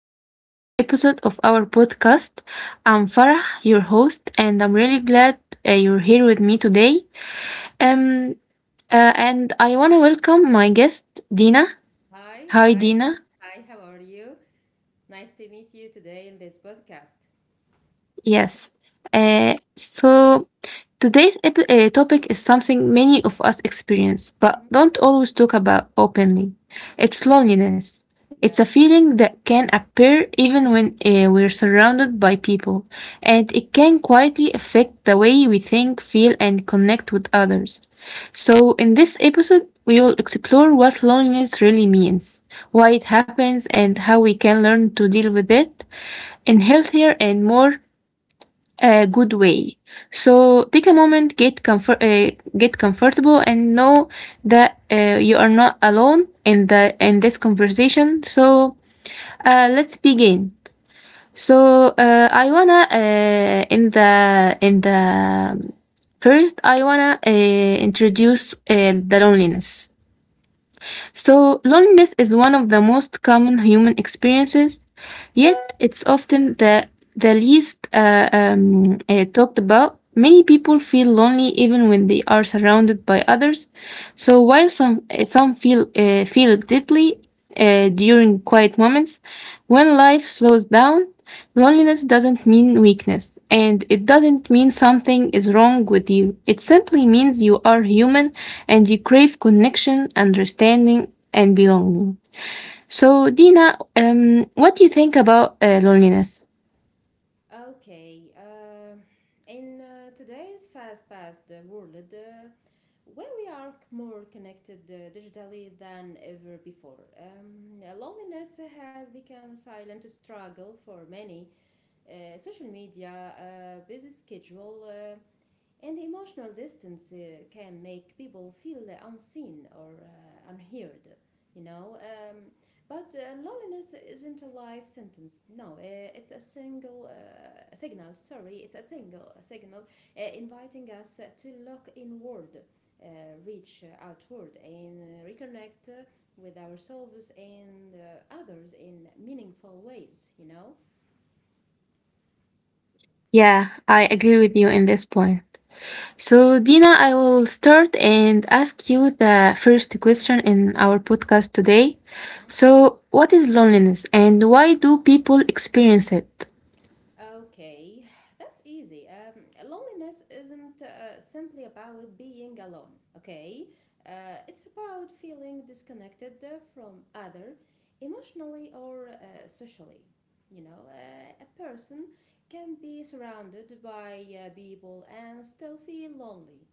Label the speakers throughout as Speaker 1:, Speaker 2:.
Speaker 1: to a new episode of our podcast. I'm Farah, your host, and I'm really glad you're here with me today. Um, and I want to welcome my guest, Dina.
Speaker 2: Hi,
Speaker 1: Hi,
Speaker 2: hi,
Speaker 1: Dina.
Speaker 2: hi, how are you? Nice to meet you today in this podcast.
Speaker 1: Yes. So today's topic is something many of us experience,
Speaker 2: Mhm.
Speaker 1: but don't always talk about openly. It's loneliness. It's a
Speaker 2: Yes.
Speaker 1: feeling that can appear even when we're surrounded by people, and it can quietly affect the way we think, feel, and connect with others. So, in this episode, we will explore what loneliness really means, why it happens, and how we can learn to deal with it in healthier and more a good way. So take a moment, get comfortable, and know that you are not alone in the in this conversation. So let's begin. So I wanna in the first, I wanna introduce the loneliness. So, loneliness is one of the most common human experiences, yet, it's often the least talked about. Many people feel lonely even when they are surrounded by others. So, while some feel it deeply during quiet moments, when life slows down, loneliness doesn't mean weakness, and it doesn't mean something is wrong with you. It simply means you are human and you crave connection, understanding, and belonging. So, Dina, what do you think about loneliness?
Speaker 2: Okay, in today's fast paced world, where we are more connected digitally than ever before, loneliness has become a silent struggle for many. Social media, busy schedule, and emotional distance can make people feel unseen or unheard, you know. But Loneliness isn't a life sentence. No, it's a single signal. Sorry, it's a single signal, inviting us to look inward, uh, reach outward, and reconnect with ourselves and others in meaningful ways.
Speaker 1: Yeah, I agree with you in this point. So, Dina, I will start and ask you the first question in our podcast today. So, what is loneliness and why do people experience it?
Speaker 2: Okay, that's easy. Loneliness isn't simply about being alone, okay? It's about feeling disconnected from other emotionally or socially. You know, a person can be surrounded by people and still feel lonely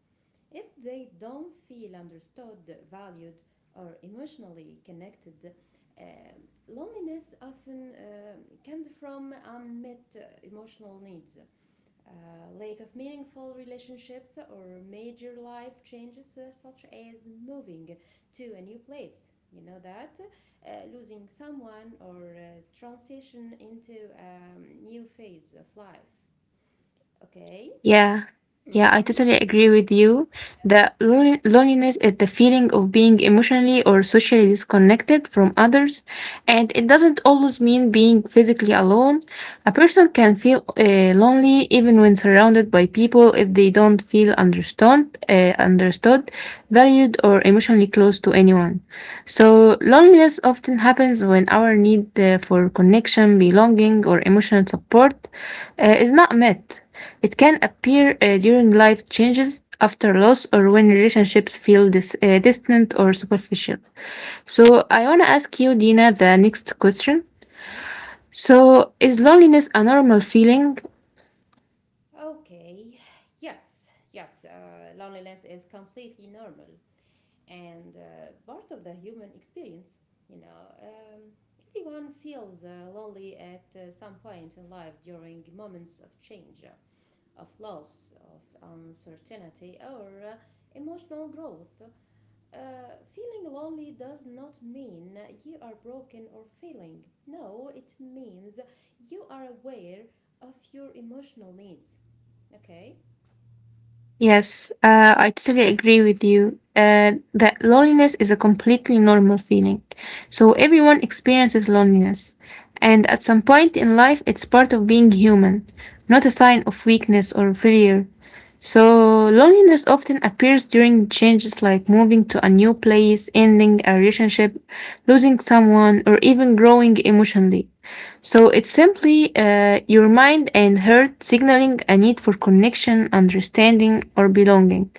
Speaker 2: if they don't feel understood, valued, or emotionally connected. um, Loneliness often comes from unmet emotional needs, uh, lack of meaningful relationships, or major life changes such as moving to a new place. You know that, losing someone or transition into a new phase of life. Okay.
Speaker 1: Yeah, yeah, I
Speaker 2: Mm-hmm.
Speaker 1: totally agree with you
Speaker 2: Yeah.
Speaker 1: that loneliness is the feeling of being emotionally or socially disconnected from others, and it doesn't always mean being physically alone. A person can feel lonely even when surrounded by people if they don't feel understood, valued, or emotionally close to anyone. So loneliness often happens when our need for connection, belonging, or emotional support is not met. It can appear during life changes, after loss, or when relationships feel distant or superficial. So, I want to ask you, Dina, the next question.
Speaker 2: Mhm.
Speaker 1: So, is loneliness a normal feeling?
Speaker 2: Okay, yes, yes, loneliness is completely normal and part of the human experience. You know, everyone feels lonely at some point in life, during moments of change, of loss, of uncertainty, or emotional growth. Feeling lonely does not mean you are broken or failing. No, it means you are aware of your emotional needs. Okay?
Speaker 1: Yes,
Speaker 2: Uh,
Speaker 1: I totally agree with you that loneliness is a completely normal feeling. So, everyone experiences loneliness. And at some point in life, it's part of being human, not a sign of weakness or failure. So, loneliness often appears during changes like moving to a new place, ending a relationship, losing someone, or even growing emotionally. So, it's simply your mind and heart signaling a need for connection, understanding, or belonging.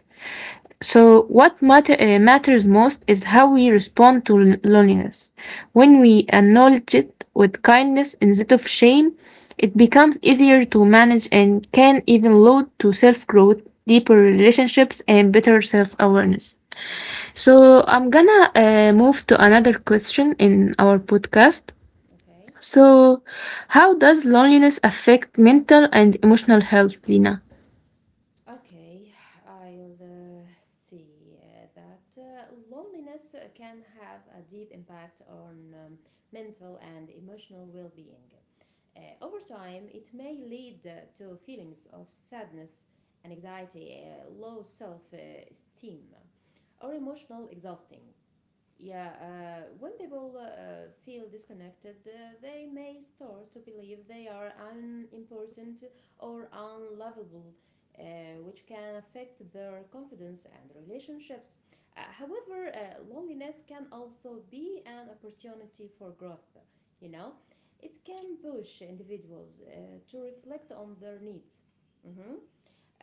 Speaker 1: So, matters most is how we respond to loneliness. When we acknowledge it with kindness instead of shame, it becomes easier to manage and can even lead to self growth, deeper relationships, and better self awareness.
Speaker 2: yeah,
Speaker 1: So, I'm gonna move to another question in our podcast.
Speaker 2: okay.
Speaker 1: So, how does loneliness affect mental and emotional health, Lina?
Speaker 2: Okay, I'll see that loneliness can have a deep impact on mental and emotional well being. Over time, it may lead to feelings of sadness and anxiety, low self esteem, or emotional exhausting. Yeah, when people feel disconnected, they may start to believe they are unimportant or unlovable, uh, which can affect their confidence and relationships. However, loneliness can also be an opportunity for growth, you know? It can push individuals to reflect on their needs, Mhm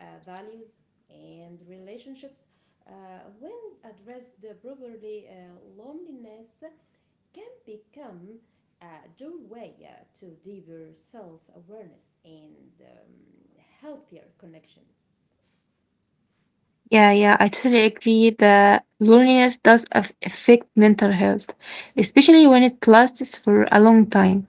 Speaker 2: values and relationships. When addressed properly, loneliness can become a doorway to deeper self awareness and healthier connection.
Speaker 1: Yeah, yeah, I totally agree that loneliness does affect mental health, especially when it lasts for a long time.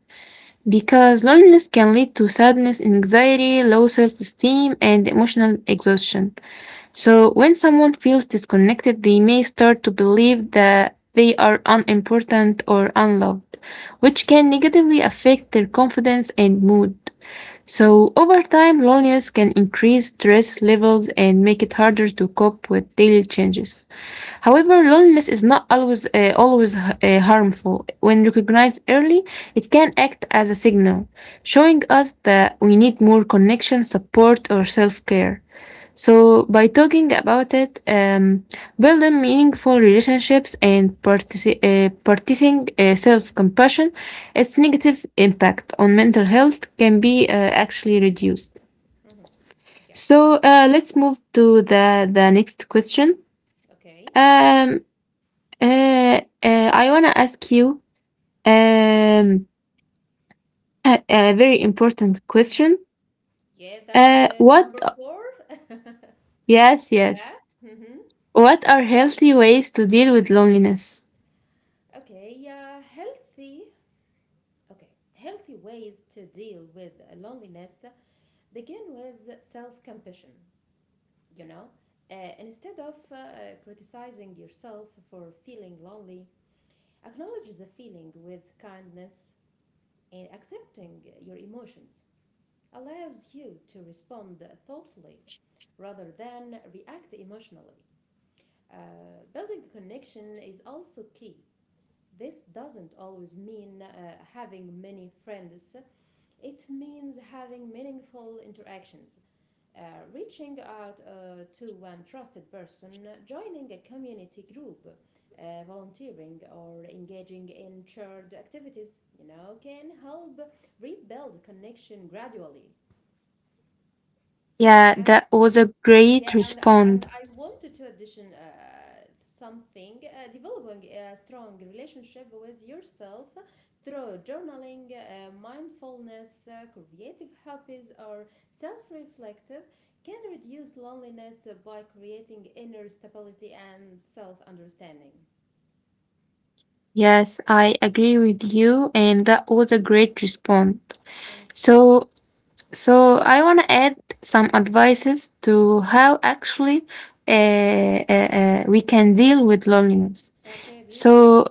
Speaker 1: Because loneliness can lead to sadness, anxiety, low self esteem, and emotional exhaustion. So, when someone feels disconnected, they may start to believe that they are unimportant or unloved, which can negatively affect their confidence and mood. So, over time, loneliness can increase stress levels and make it harder to cope with daily changes. However, loneliness is not always harmful. When recognized early, it can act as a signal, showing us that we need more connection, support, or self-care. So, by talking about it, building meaningful relationships and practicing self compassion, its negative impact on mental health can be actually reduced.
Speaker 2: Mhm. Yeah,
Speaker 1: So let's move to the next question.
Speaker 2: okay.
Speaker 1: Um, I want to ask you um, a very important question.
Speaker 2: Yeah, that's
Speaker 1: Uh,
Speaker 2: number
Speaker 1: what,
Speaker 2: four. Yeah.
Speaker 1: yes, yes.
Speaker 2: Mm-hmm.
Speaker 1: What are healthy ways to deal with loneliness?
Speaker 2: Okay, yeah, healthy. Okay, healthy ways to deal with loneliness begin with self compassion. you know and instead of criticizing yourself for feeling lonely, acknowledge the feeling with kindness. And accepting your emotions allows you to respond thoughtfully rather than react emotionally. Uh, building a connection is also key. This doesn't always mean having many friends. It means having meaningful interactions. uh, Reaching out to one trusted person, joining a community group, volunteering, or engaging in shared activities, you know, can help rebuild connection gradually.
Speaker 1: Yeah,
Speaker 2: And
Speaker 1: that was a great
Speaker 2: yeah, and I
Speaker 1: response.
Speaker 2: and I wanted to addition something: developing a strong relationship with yourself through journaling, mindfulness, creative hobbies, or self-reflective can reduce loneliness by creating inner stability and self-understanding.
Speaker 1: Yes, I agree with you, and that was a great response.
Speaker 2: Thank you.
Speaker 1: So, So, I want to add some advices to how actually we can deal with loneliness.
Speaker 2: Okay, please do.
Speaker 1: So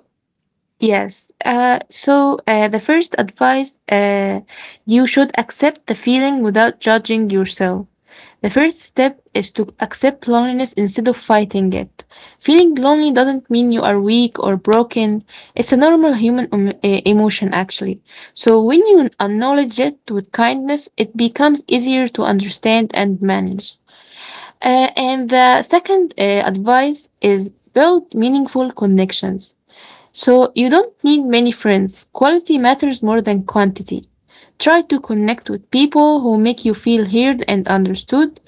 Speaker 1: yes, the first advice, you should accept the feeling without judging yourself. The first step is to accept loneliness instead of fighting it. Feeling lonely doesn't mean you are weak or broken. It's a normal human emotion, actually. So when you acknowledge it with kindness, it becomes easier to understand and manage. And the second advice is build meaningful connections. So you don't need many friends. Quality matters more than quantity. Try to connect with people who make you feel heard and understood.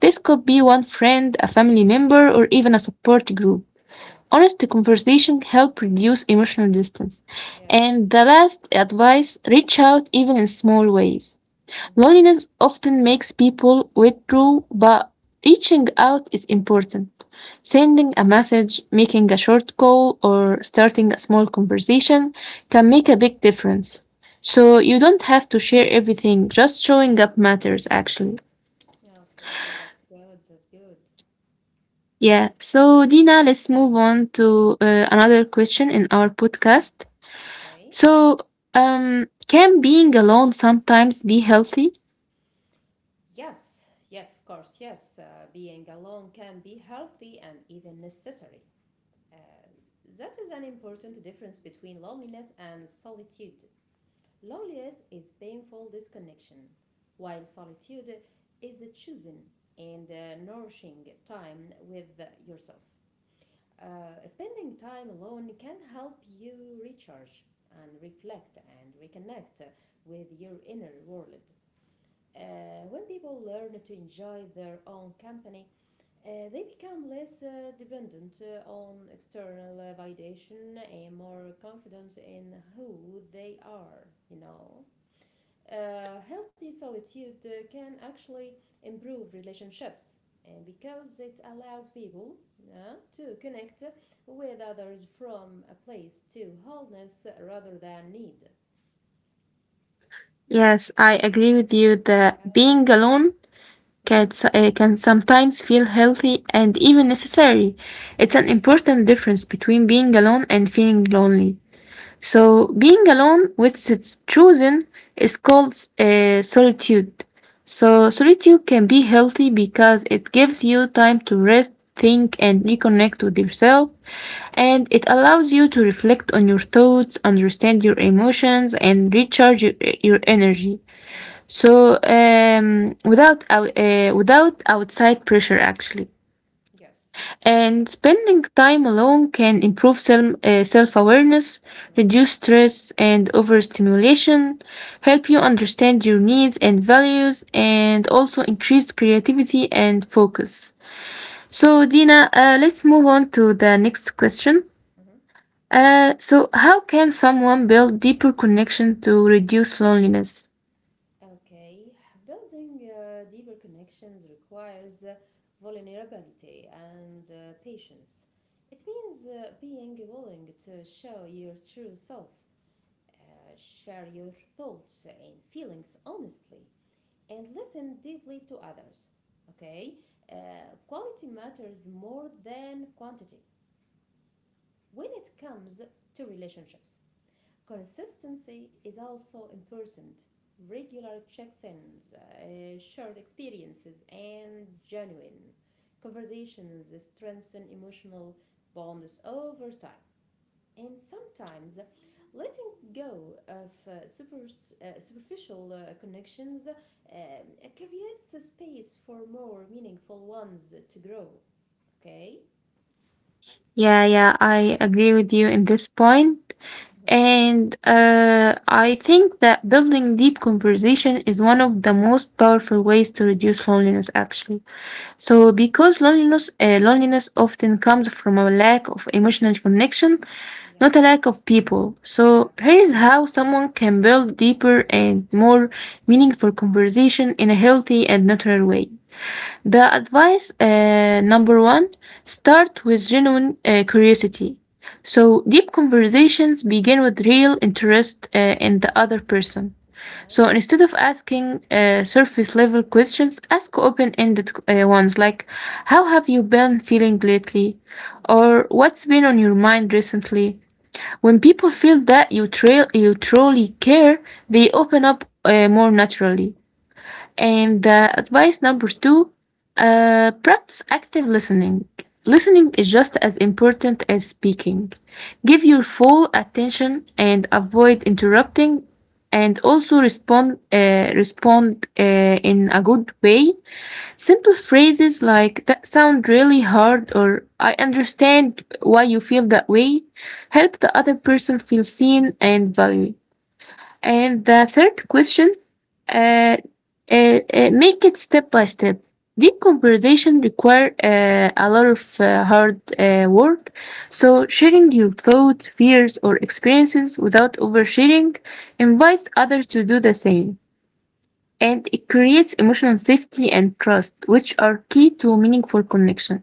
Speaker 1: This could be one friend, a family member, or even a support group.
Speaker 2: Yeah.
Speaker 1: Honest conversation help reduce emotional distance. And
Speaker 2: Yes.
Speaker 1: the last advice, reach out even in small ways.
Speaker 2: Mm-hmm.
Speaker 1: Loneliness often makes people withdraw, but reaching out is important. Sending a message, making a short call, or starting a small conversation can make a big difference. So you don't have to share everything, just showing up matters actually.
Speaker 2: Okay, that's good. That's good.
Speaker 1: Yeah, so Dina, let's move on to another question in our podcast.
Speaker 2: Okay.
Speaker 1: So, can being alone sometimes be healthy?
Speaker 2: Yes, yes, of course, yes. Being alone can be healthy and even necessary. Uh, that is an important difference between loneliness and solitude. Loneliness is painful disconnection, while solitude is the choosing and nourishing time with yourself. Spending time alone can help you recharge and reflect and reconnect with your inner world. When people learn to enjoy their own company, they become less dependent on external validation and more confident in who they are, you know. Healthy solitude can actually improve relationships, and because it allows people, yeah, to connect with others from a place to wholeness rather than need.
Speaker 1: Yes, I agree with you that
Speaker 2: Yeah.
Speaker 1: being alone
Speaker 2: Hmm.
Speaker 1: can sometimes feel healthy and even necessary. It's an important difference between being alone and feeling lonely. So, being alone, with it's chosen, is called solitude. So, solitude can be healthy because it gives you time to rest, think, and reconnect with yourself,
Speaker 2: Yes.
Speaker 1: and it allows you to reflect on your thoughts, understand your emotions, and recharge your energy.
Speaker 2: Hmm.
Speaker 1: So without outside pressure actually,
Speaker 2: Yes, yes, that's
Speaker 1: and
Speaker 2: right.
Speaker 1: spending time alone can improve self awareness,
Speaker 2: Mhm.
Speaker 1: reduce stress and overstimulation, help you understand your needs and values, and also increase creativity and focus. So Dina, let's move on to the next question.
Speaker 2: mhm.
Speaker 1: So how can someone build deeper connection to reduce loneliness?
Speaker 2: Okay, building deeper connections requires vulnerability and patience. It means being willing to show your true self, share your thoughts and feelings honestly, and listen deeply to others. Okay. Uh, quality matters more than quantity when it comes to relationships. Consistency is also important. Regular check ins, shared experiences, and genuine conversations strengthen emotional bonds over time. And sometimes letting go of super, superficial connections creates a space for more meaningful ones to grow. Okay?
Speaker 1: Yeah, yeah, I agree with you in this point.
Speaker 2: Mhm.
Speaker 1: And I think that building deep conversation is one of the most powerful ways to reduce loneliness, actually. So, because loneliness often comes from a lack of emotional connection, not a
Speaker 2: Yes.
Speaker 1: lack of people.
Speaker 2: Yeah.
Speaker 1: So, here is
Speaker 2: Mm.
Speaker 1: how someone can build deeper and more meaningful conversation in a healthy and natural way. The advice number one, start with genuine curiosity. So, deep conversations begin with real interest in the other person. So,
Speaker 2: Yes.
Speaker 1: instead of asking surface level questions, ask open ended ones like, how have you been feeling lately?
Speaker 2: Mhm.
Speaker 1: Or, what's been on your mind recently? When
Speaker 2: Mm.
Speaker 1: people feel that you truly care, they open up more naturally. And advice number two, practice active listening. Listening is just as important as speaking. Give your full attention and avoid interrupting, and also respond in a good way. Simple phrases like that sound really hard or I understand why you feel that way help the other person feel seen and valued. And the third question, uh, make it step by step. Deep conversation require a lot of hard work. So sharing your thoughts, fears, or experiences without oversharing invites others to do the same, and it creates emotional safety and trust, which are key to meaningful connection.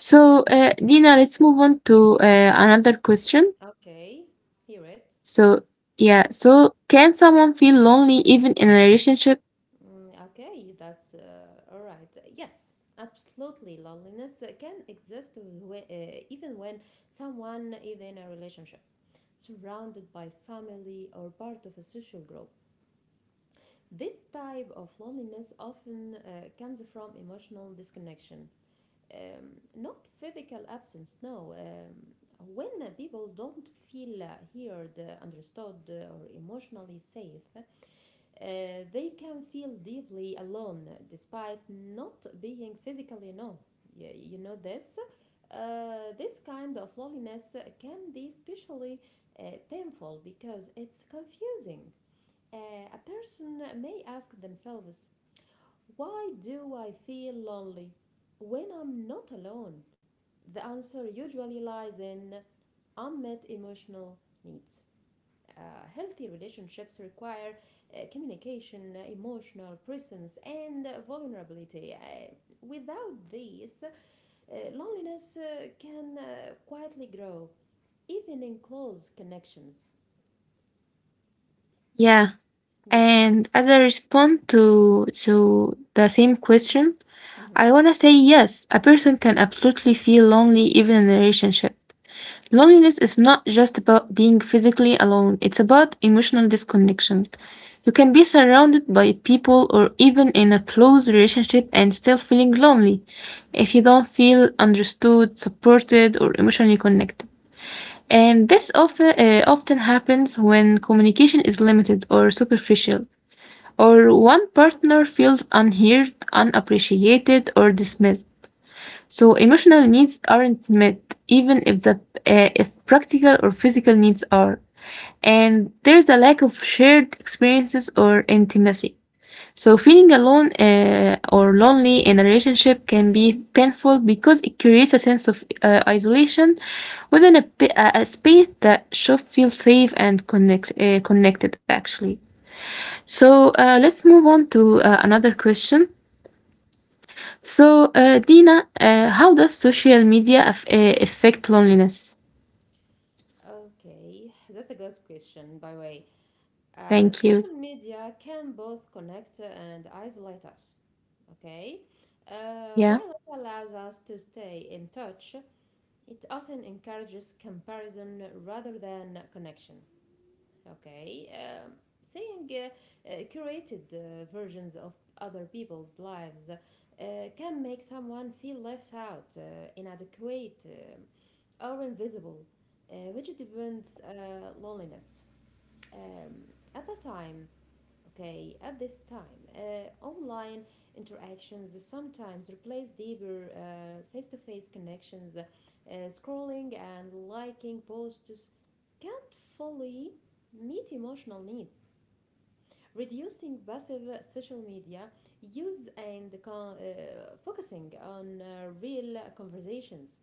Speaker 1: So, Dina, let's move on to another question.
Speaker 2: Okay, hear it.
Speaker 1: So,
Speaker 2: Mm-hmm.
Speaker 1: yeah, so can someone feel lonely even in a relationship?
Speaker 2: Okay, that's all right. Yes, absolutely. Loneliness can exist, even when someone is in a relationship, surrounded by family or part of a social group. This type of loneliness often comes from emotional disconnection, um, not physical absence, no. When people don't feel heard, understood, or emotionally safe, they can feel deeply alone despite not being physically known. Y- You know this? This kind of loneliness can be especially painful because it's confusing. A person may ask themselves, why do I feel lonely when I'm not alone? The answer usually lies in unmet emotional needs. Healthy relationships require communication, emotional presence, and vulnerability. Without these, loneliness can quietly grow, even in close connections.
Speaker 1: Yeah.
Speaker 2: Yeah.
Speaker 1: And as I respond to the same question,
Speaker 2: Mhm.
Speaker 1: I wanna say yes, a person can absolutely feel lonely even in a relationship. Loneliness is not just about being physically alone, it's about emotional disconnection. You can be surrounded by people or even in a close relationship and still feeling lonely if you don't feel understood, supported, or emotionally connected. And this often happens when communication is limited or superficial or one partner feels unheard, unappreciated, or dismissed. So emotional needs aren't met, even if the if practical or physical needs are. And there's a lack of shared experiences or intimacy. So feeling alone or lonely in a relationship can be painful because it creates a sense of isolation within a, pa- a space that should feel safe and connected actually. So let's move on to another question. So, Dina,
Speaker 2: Yes.
Speaker 1: how does social media affect loneliness?
Speaker 2: Okay, that's a good question, by the way.
Speaker 1: Thank you.
Speaker 2: Social media can both connect and isolate us, okay?
Speaker 1: Yeah,
Speaker 2: While it allows us to stay in touch, it often encourages comparison rather than connection. Okay, seeing curated versions of other people's lives can make someone feel left out, inadequate, or invisible, which deepens loneliness. Um, at the time, Okay, at this time, online interactions sometimes replace deeper face-to-face connections. Scrolling and liking posts can't fully meet emotional needs. Reducing passive social media use and focusing on real conversations,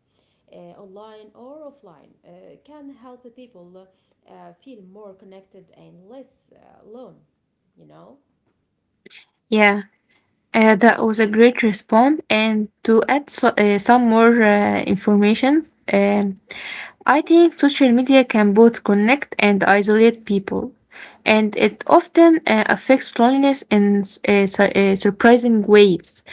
Speaker 2: uh, online or offline, can help people feel more connected and less alone. You know.
Speaker 1: yeah. That was a great response. And to add so,
Speaker 2: Yeah.
Speaker 1: some more informations, I think social media can both connect and isolate people, and it often affects loneliness in surprising ways.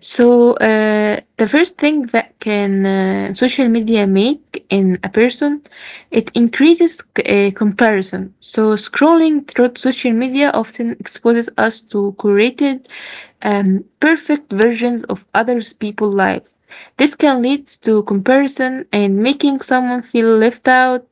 Speaker 1: So, the first thing that can social media make in a person, it increases comparison. So, scrolling through social media often exposes us to curated, perfect versions of others' people's lives. This can lead to comparison and making someone feel left out,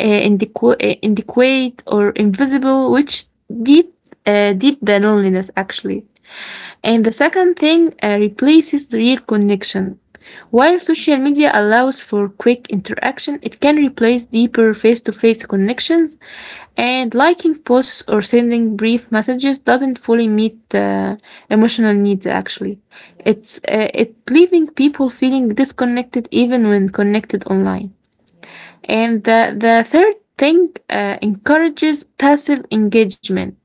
Speaker 1: uh, inadequate, or invisible, which deep, deep the loneliness actually.
Speaker 2: Mm-hmm.
Speaker 1: And the second thing replaces the real connection.
Speaker 2: Yes.
Speaker 1: While social media allows for quick interaction, it can replace deeper face to face connections, and liking posts or sending brief messages doesn't fully meet emotional needs actually.
Speaker 2: Yes.
Speaker 1: It leaving people feeling disconnected even when connected online.
Speaker 2: Yeah.
Speaker 1: And the third thing encourages passive engagement.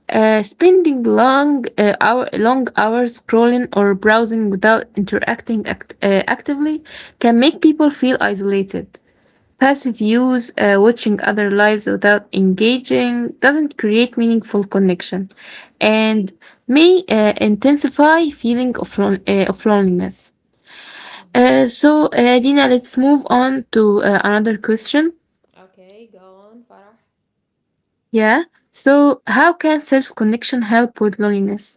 Speaker 1: Spending long hours scrolling or browsing without interacting actively can make people feel isolated. Passive use, watching other lives without engaging, doesn't create meaningful connection, and may intensify feeling of, of loneliness.
Speaker 2: Mm-hmm.
Speaker 1: Dina, let's move on to another question.
Speaker 2: Okay, go on, Farah.
Speaker 1: Yeah. So, how can self connection help with loneliness?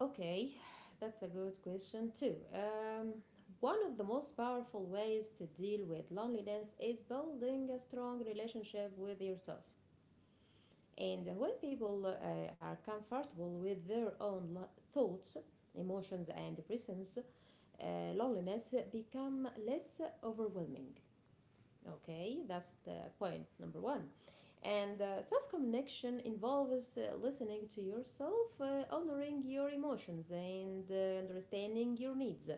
Speaker 2: Okay, that's a good question too. One of the most powerful ways to deal with loneliness is building a strong relationship with yourself. And when people are comfortable with their own thoughts, emotions, and presence, uh, loneliness become less overwhelming. Okay, that's the point number one. And self connection involves listening to yourself, honoring your emotions, and understanding your needs.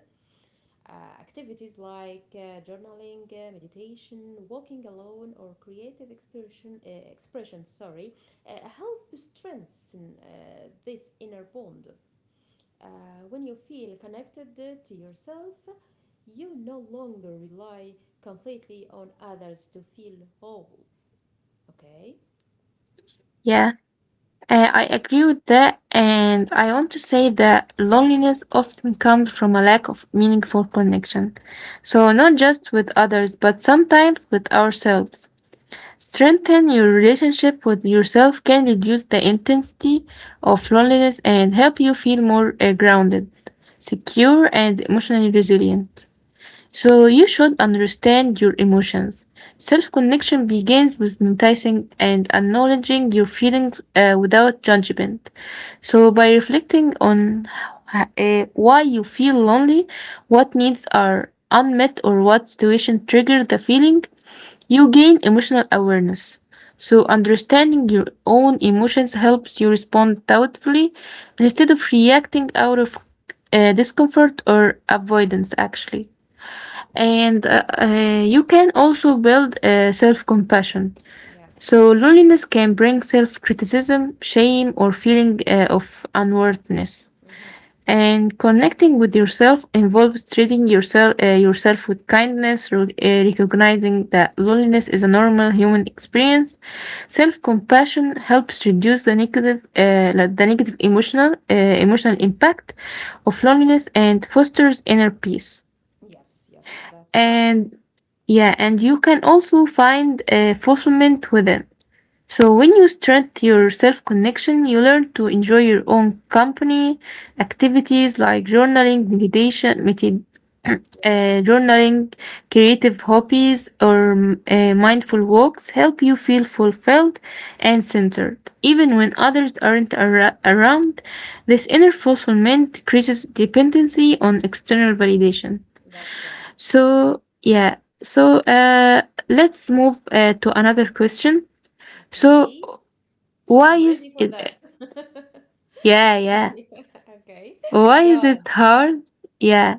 Speaker 2: Activities like journaling, meditation, walking alone, or creative expression, sorry, help strengthen this inner bond. Uh, when you feel connected to yourself, you no longer rely completely on others to feel whole, okay?
Speaker 1: Yeah. I agree with that, and I want to say that loneliness often comes from a lack of meaningful connection. So, not just with others, but sometimes with ourselves. Strengthen your relationship with yourself can reduce the intensity of loneliness and help you feel more grounded, secure, and emotionally resilient. So you should understand your emotions. Self connection begins with noticing and acknowledging your feelings without judgment. So by reflecting on why you feel lonely, what needs are unmet, or what situation triggered the feeling, you gain emotional awareness. So understanding your own emotions helps you respond thoughtfully instead of reacting out of discomfort or avoidance actually. And you can also build self compassion.
Speaker 2: Yes.
Speaker 1: So, loneliness can bring self criticism, shame, or feeling of unworthiness.
Speaker 2: Mm-hmm.
Speaker 1: And connecting with yourself involves treating yourself with kindness, recognizing that loneliness is a normal human experience.
Speaker 2: Yes.
Speaker 1: Self compassion helps reduce the negative, like the negative emotional impact of loneliness and fosters inner peace.
Speaker 2: Yes, yes, that's right.
Speaker 1: And yeah, and you can also find fulfillment within. So when you strengthen your self-connection, you learn to enjoy your own company, activities like journaling,
Speaker 2: Yeah,
Speaker 1: journaling, creative hobbies, or mindful walks help you feel fulfilled and centered. Even when others aren't ar- around, this inner fulfillment decreases dependency on external validation.
Speaker 2: that's right.
Speaker 1: So yeah, so let's move to another question. So
Speaker 2: Okay.
Speaker 1: why
Speaker 2: I'm
Speaker 1: is
Speaker 2: ready for
Speaker 1: it?
Speaker 2: that.
Speaker 1: Yeah, yeah.
Speaker 2: Yeah, okay.
Speaker 1: Why
Speaker 2: Go
Speaker 1: is it
Speaker 2: on.
Speaker 1: hard? Yeah.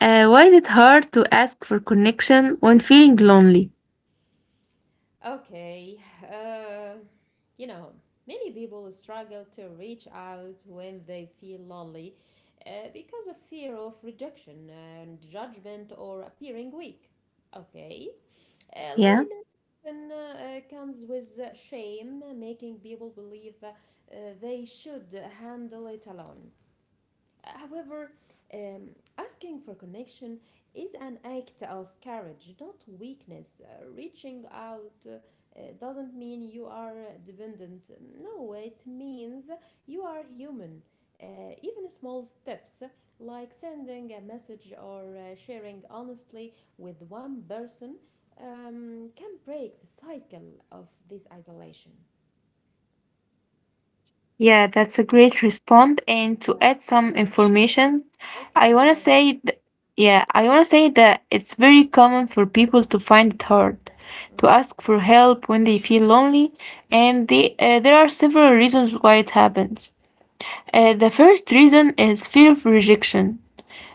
Speaker 1: Why is it hard to ask for connection when feeling lonely?
Speaker 2: Okay. Uh, you know, many people struggle to reach out when they feel lonely because of fear of rejection and judgment or appearing weak. Okay. Uh,
Speaker 1: Yeah.
Speaker 2: loneliness often uh, uh, comes with shame, making people believe uh, they should handle it alone. However, um, asking for connection is an act of courage, not weakness. Reaching out doesn't mean you are dependent. No, it means you are human. Even small steps like sending a message or sharing honestly with one person can break the cycle of this isolation.
Speaker 1: Yeah, that's a great response. And to
Speaker 2: Yeah.
Speaker 1: add some information, I
Speaker 2: Okay, go
Speaker 1: want to
Speaker 2: on.
Speaker 1: say. Yeah, I want to say that it's very common for people to find it hard to
Speaker 2: Hmm.
Speaker 1: ask for help when they feel lonely, and there are several reasons why it happens. The
Speaker 2: Hmm.
Speaker 1: first reason is fear of rejection.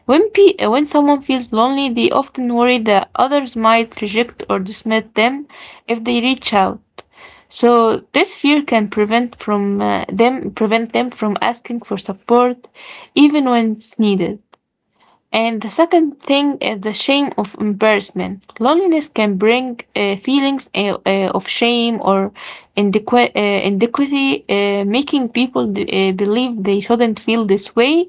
Speaker 1: When someone feels lonely, they often worry that others might reject or dismiss them if they reach out. So this fear can prevent them from asking for support, even when it's needed. And the second thing is the shame of embarrassment. Loneliness can bring feelings of shame or inadequacy, making people believe they shouldn't feel this way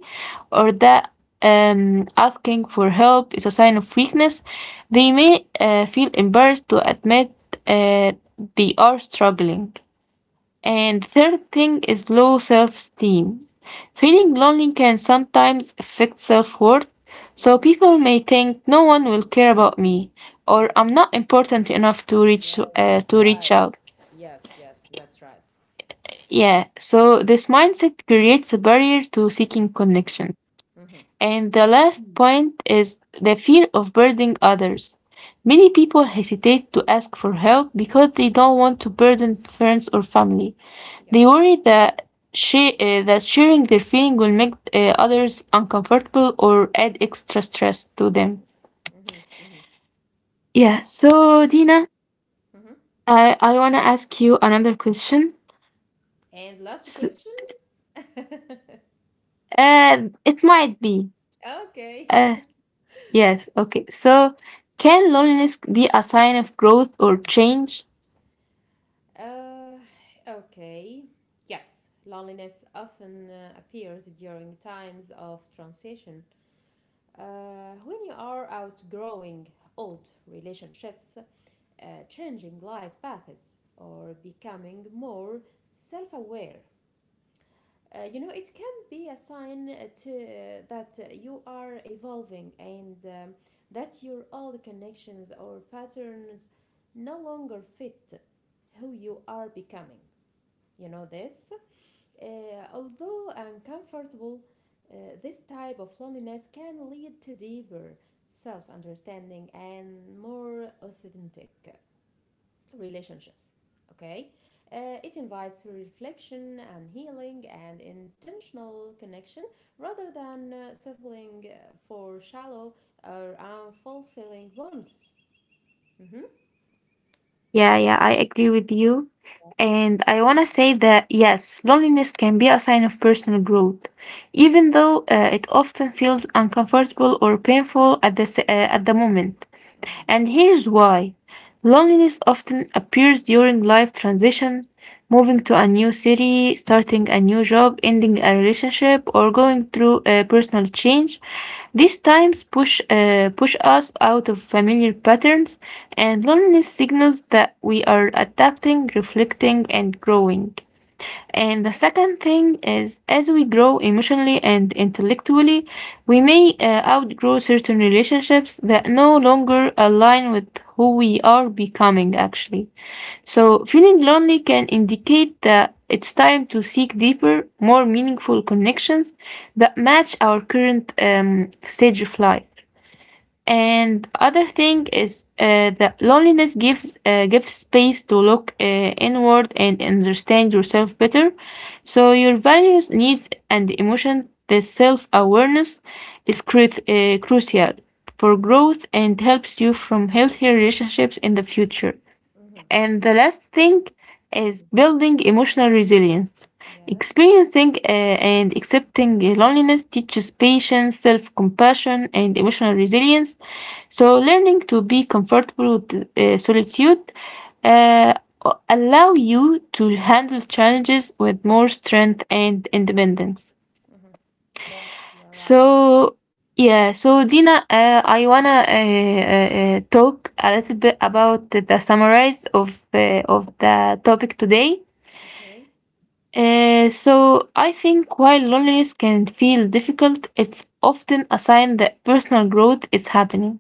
Speaker 1: or that asking for help is a sign of weakness. They may feel embarrassed to admit uh, they are struggling. And third thing is low self esteem. Feeling
Speaker 2: Yes.
Speaker 1: lonely can sometimes affect self worth, so
Speaker 2: Hmm.
Speaker 1: people may think no one will care about me or I'm
Speaker 2: Yes.
Speaker 1: not important enough to
Speaker 2: Yes, that's
Speaker 1: reach
Speaker 2: right.
Speaker 1: out.
Speaker 2: Yes, yes, that's right.
Speaker 1: Yeah, so this mindset creates a barrier to seeking connection.
Speaker 2: Mm-hmm.
Speaker 1: And the last point is the fear of burdening others. Many people hesitate to ask for help because they don't want to burden friends or family. They
Speaker 2: Yes.
Speaker 1: worry that she that sharing their feeling will make others uncomfortable or add extra stress to them.
Speaker 2: Mm-hmm. Mm-hmm.
Speaker 1: Yeah, so Dina,
Speaker 2: Mm-hmm.
Speaker 1: I want to ask you another question.
Speaker 2: And last
Speaker 1: S
Speaker 2: question.
Speaker 1: uh, it might be.
Speaker 2: Okay.
Speaker 1: Uh, yes, okay. So, can loneliness be a sign of growth or change?
Speaker 2: uh, okay. Yes, loneliness often appears during times of transition. When you are outgrowing old relationships, changing life paths, or becoming more self aware, you know, it can be a sign that you are evolving and that your old connections or patterns no longer fit who you are becoming. You know this? Uh, although uncomfortable, this type of loneliness can lead to deeper self understanding and more authentic relationships. Okay, it invites reflection and healing and intentional connection rather than settling for shallow or unfulfilling ones. Mm-hmm.
Speaker 1: Yeah, yeah, I agree with you. And I want to say that yes, loneliness can be a sign of personal growth, even though it often feels uncomfortable or painful at the moment.
Speaker 2: Mm-hmm.
Speaker 1: And here's why loneliness often appears during life transition, moving to a new city, starting a new job, ending a relationship, or going through a personal change. These times push us out of familiar patterns, and loneliness signals that we are adapting, reflecting, and growing. And the second thing is, as we grow emotionally and intellectually, we may outgrow certain relationships that no longer align with who we are becoming, actually. So, feeling lonely can indicate that it's time to seek deeper, more meaningful connections that match our current stage of life. And other thing is that loneliness gives space to look inward and understand yourself better. So your values, needs, and emotion, the self awareness is crucial for growth and helps you from healthier relationships in the future.
Speaker 2: Mm-hmm.
Speaker 1: And the last thing is
Speaker 2: Mm-hmm.
Speaker 1: building emotional resilience.
Speaker 2: Yes.
Speaker 1: Experiencing and accepting loneliness teaches patience, self compassion, and emotional resilience. So, learning to be comfortable with solitude uh, allow you to handle challenges with more strength and independence.
Speaker 2: Mm-hmm. Yes, you're right.
Speaker 1: So yeah, so Dina, I wanna talk a little bit about the summaries of the topic today.
Speaker 2: Okay.
Speaker 1: So I think while loneliness can feel difficult, it's often a sign that personal growth is happening.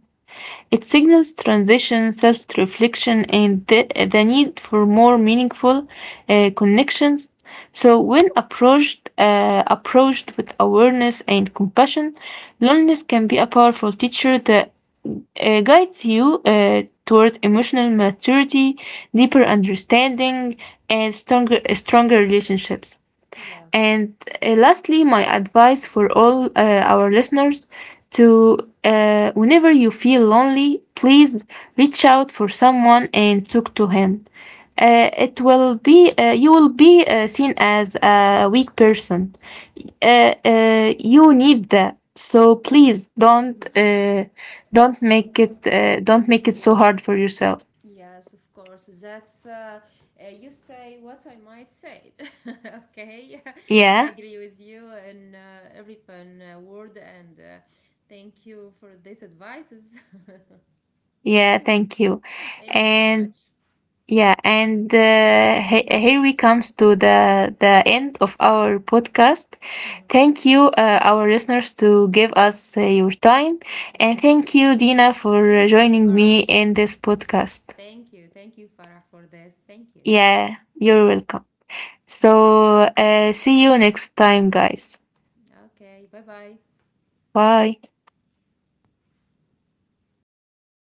Speaker 1: It signals transition, self reflection, and the need for more meaningful connections. So, when approached with awareness and compassion, loneliness can be a powerful teacher that guides you toward emotional maturity, deeper understanding, and stronger relationships.
Speaker 2: Yes. Yeah.
Speaker 1: And lastly, my advice for all our listeners to whenever you feel lonely, please reach out for someone and talk to him. It will be you will be seen as a weak person. You need that. So
Speaker 2: Yes.
Speaker 1: please
Speaker 2: Mhm.
Speaker 1: don't make it so hard for yourself.
Speaker 2: Yes, of course. That's you say what I might say. Okay,
Speaker 1: Yeah,
Speaker 2: I agree with you in every fun word, and thank you for these advices.
Speaker 1: yeah. Thank you.
Speaker 2: Thank you very
Speaker 1: And
Speaker 2: much.
Speaker 1: yeah, and here we comes to the end of our podcast.
Speaker 2: Mhm.
Speaker 1: Thank you, our listeners, to give us your time,
Speaker 2: Thank you.
Speaker 1: and thank you, Dina, for
Speaker 2: Thank you,
Speaker 1: joining me
Speaker 2: Farah.
Speaker 1: in this podcast.
Speaker 2: Thank you. Thank you, Farah, for this. Thank you.
Speaker 1: Yeah, you're welcome.
Speaker 2: Thank you.
Speaker 1: So, see you next time, guys.
Speaker 2: Okay, bye bye.
Speaker 1: Bye.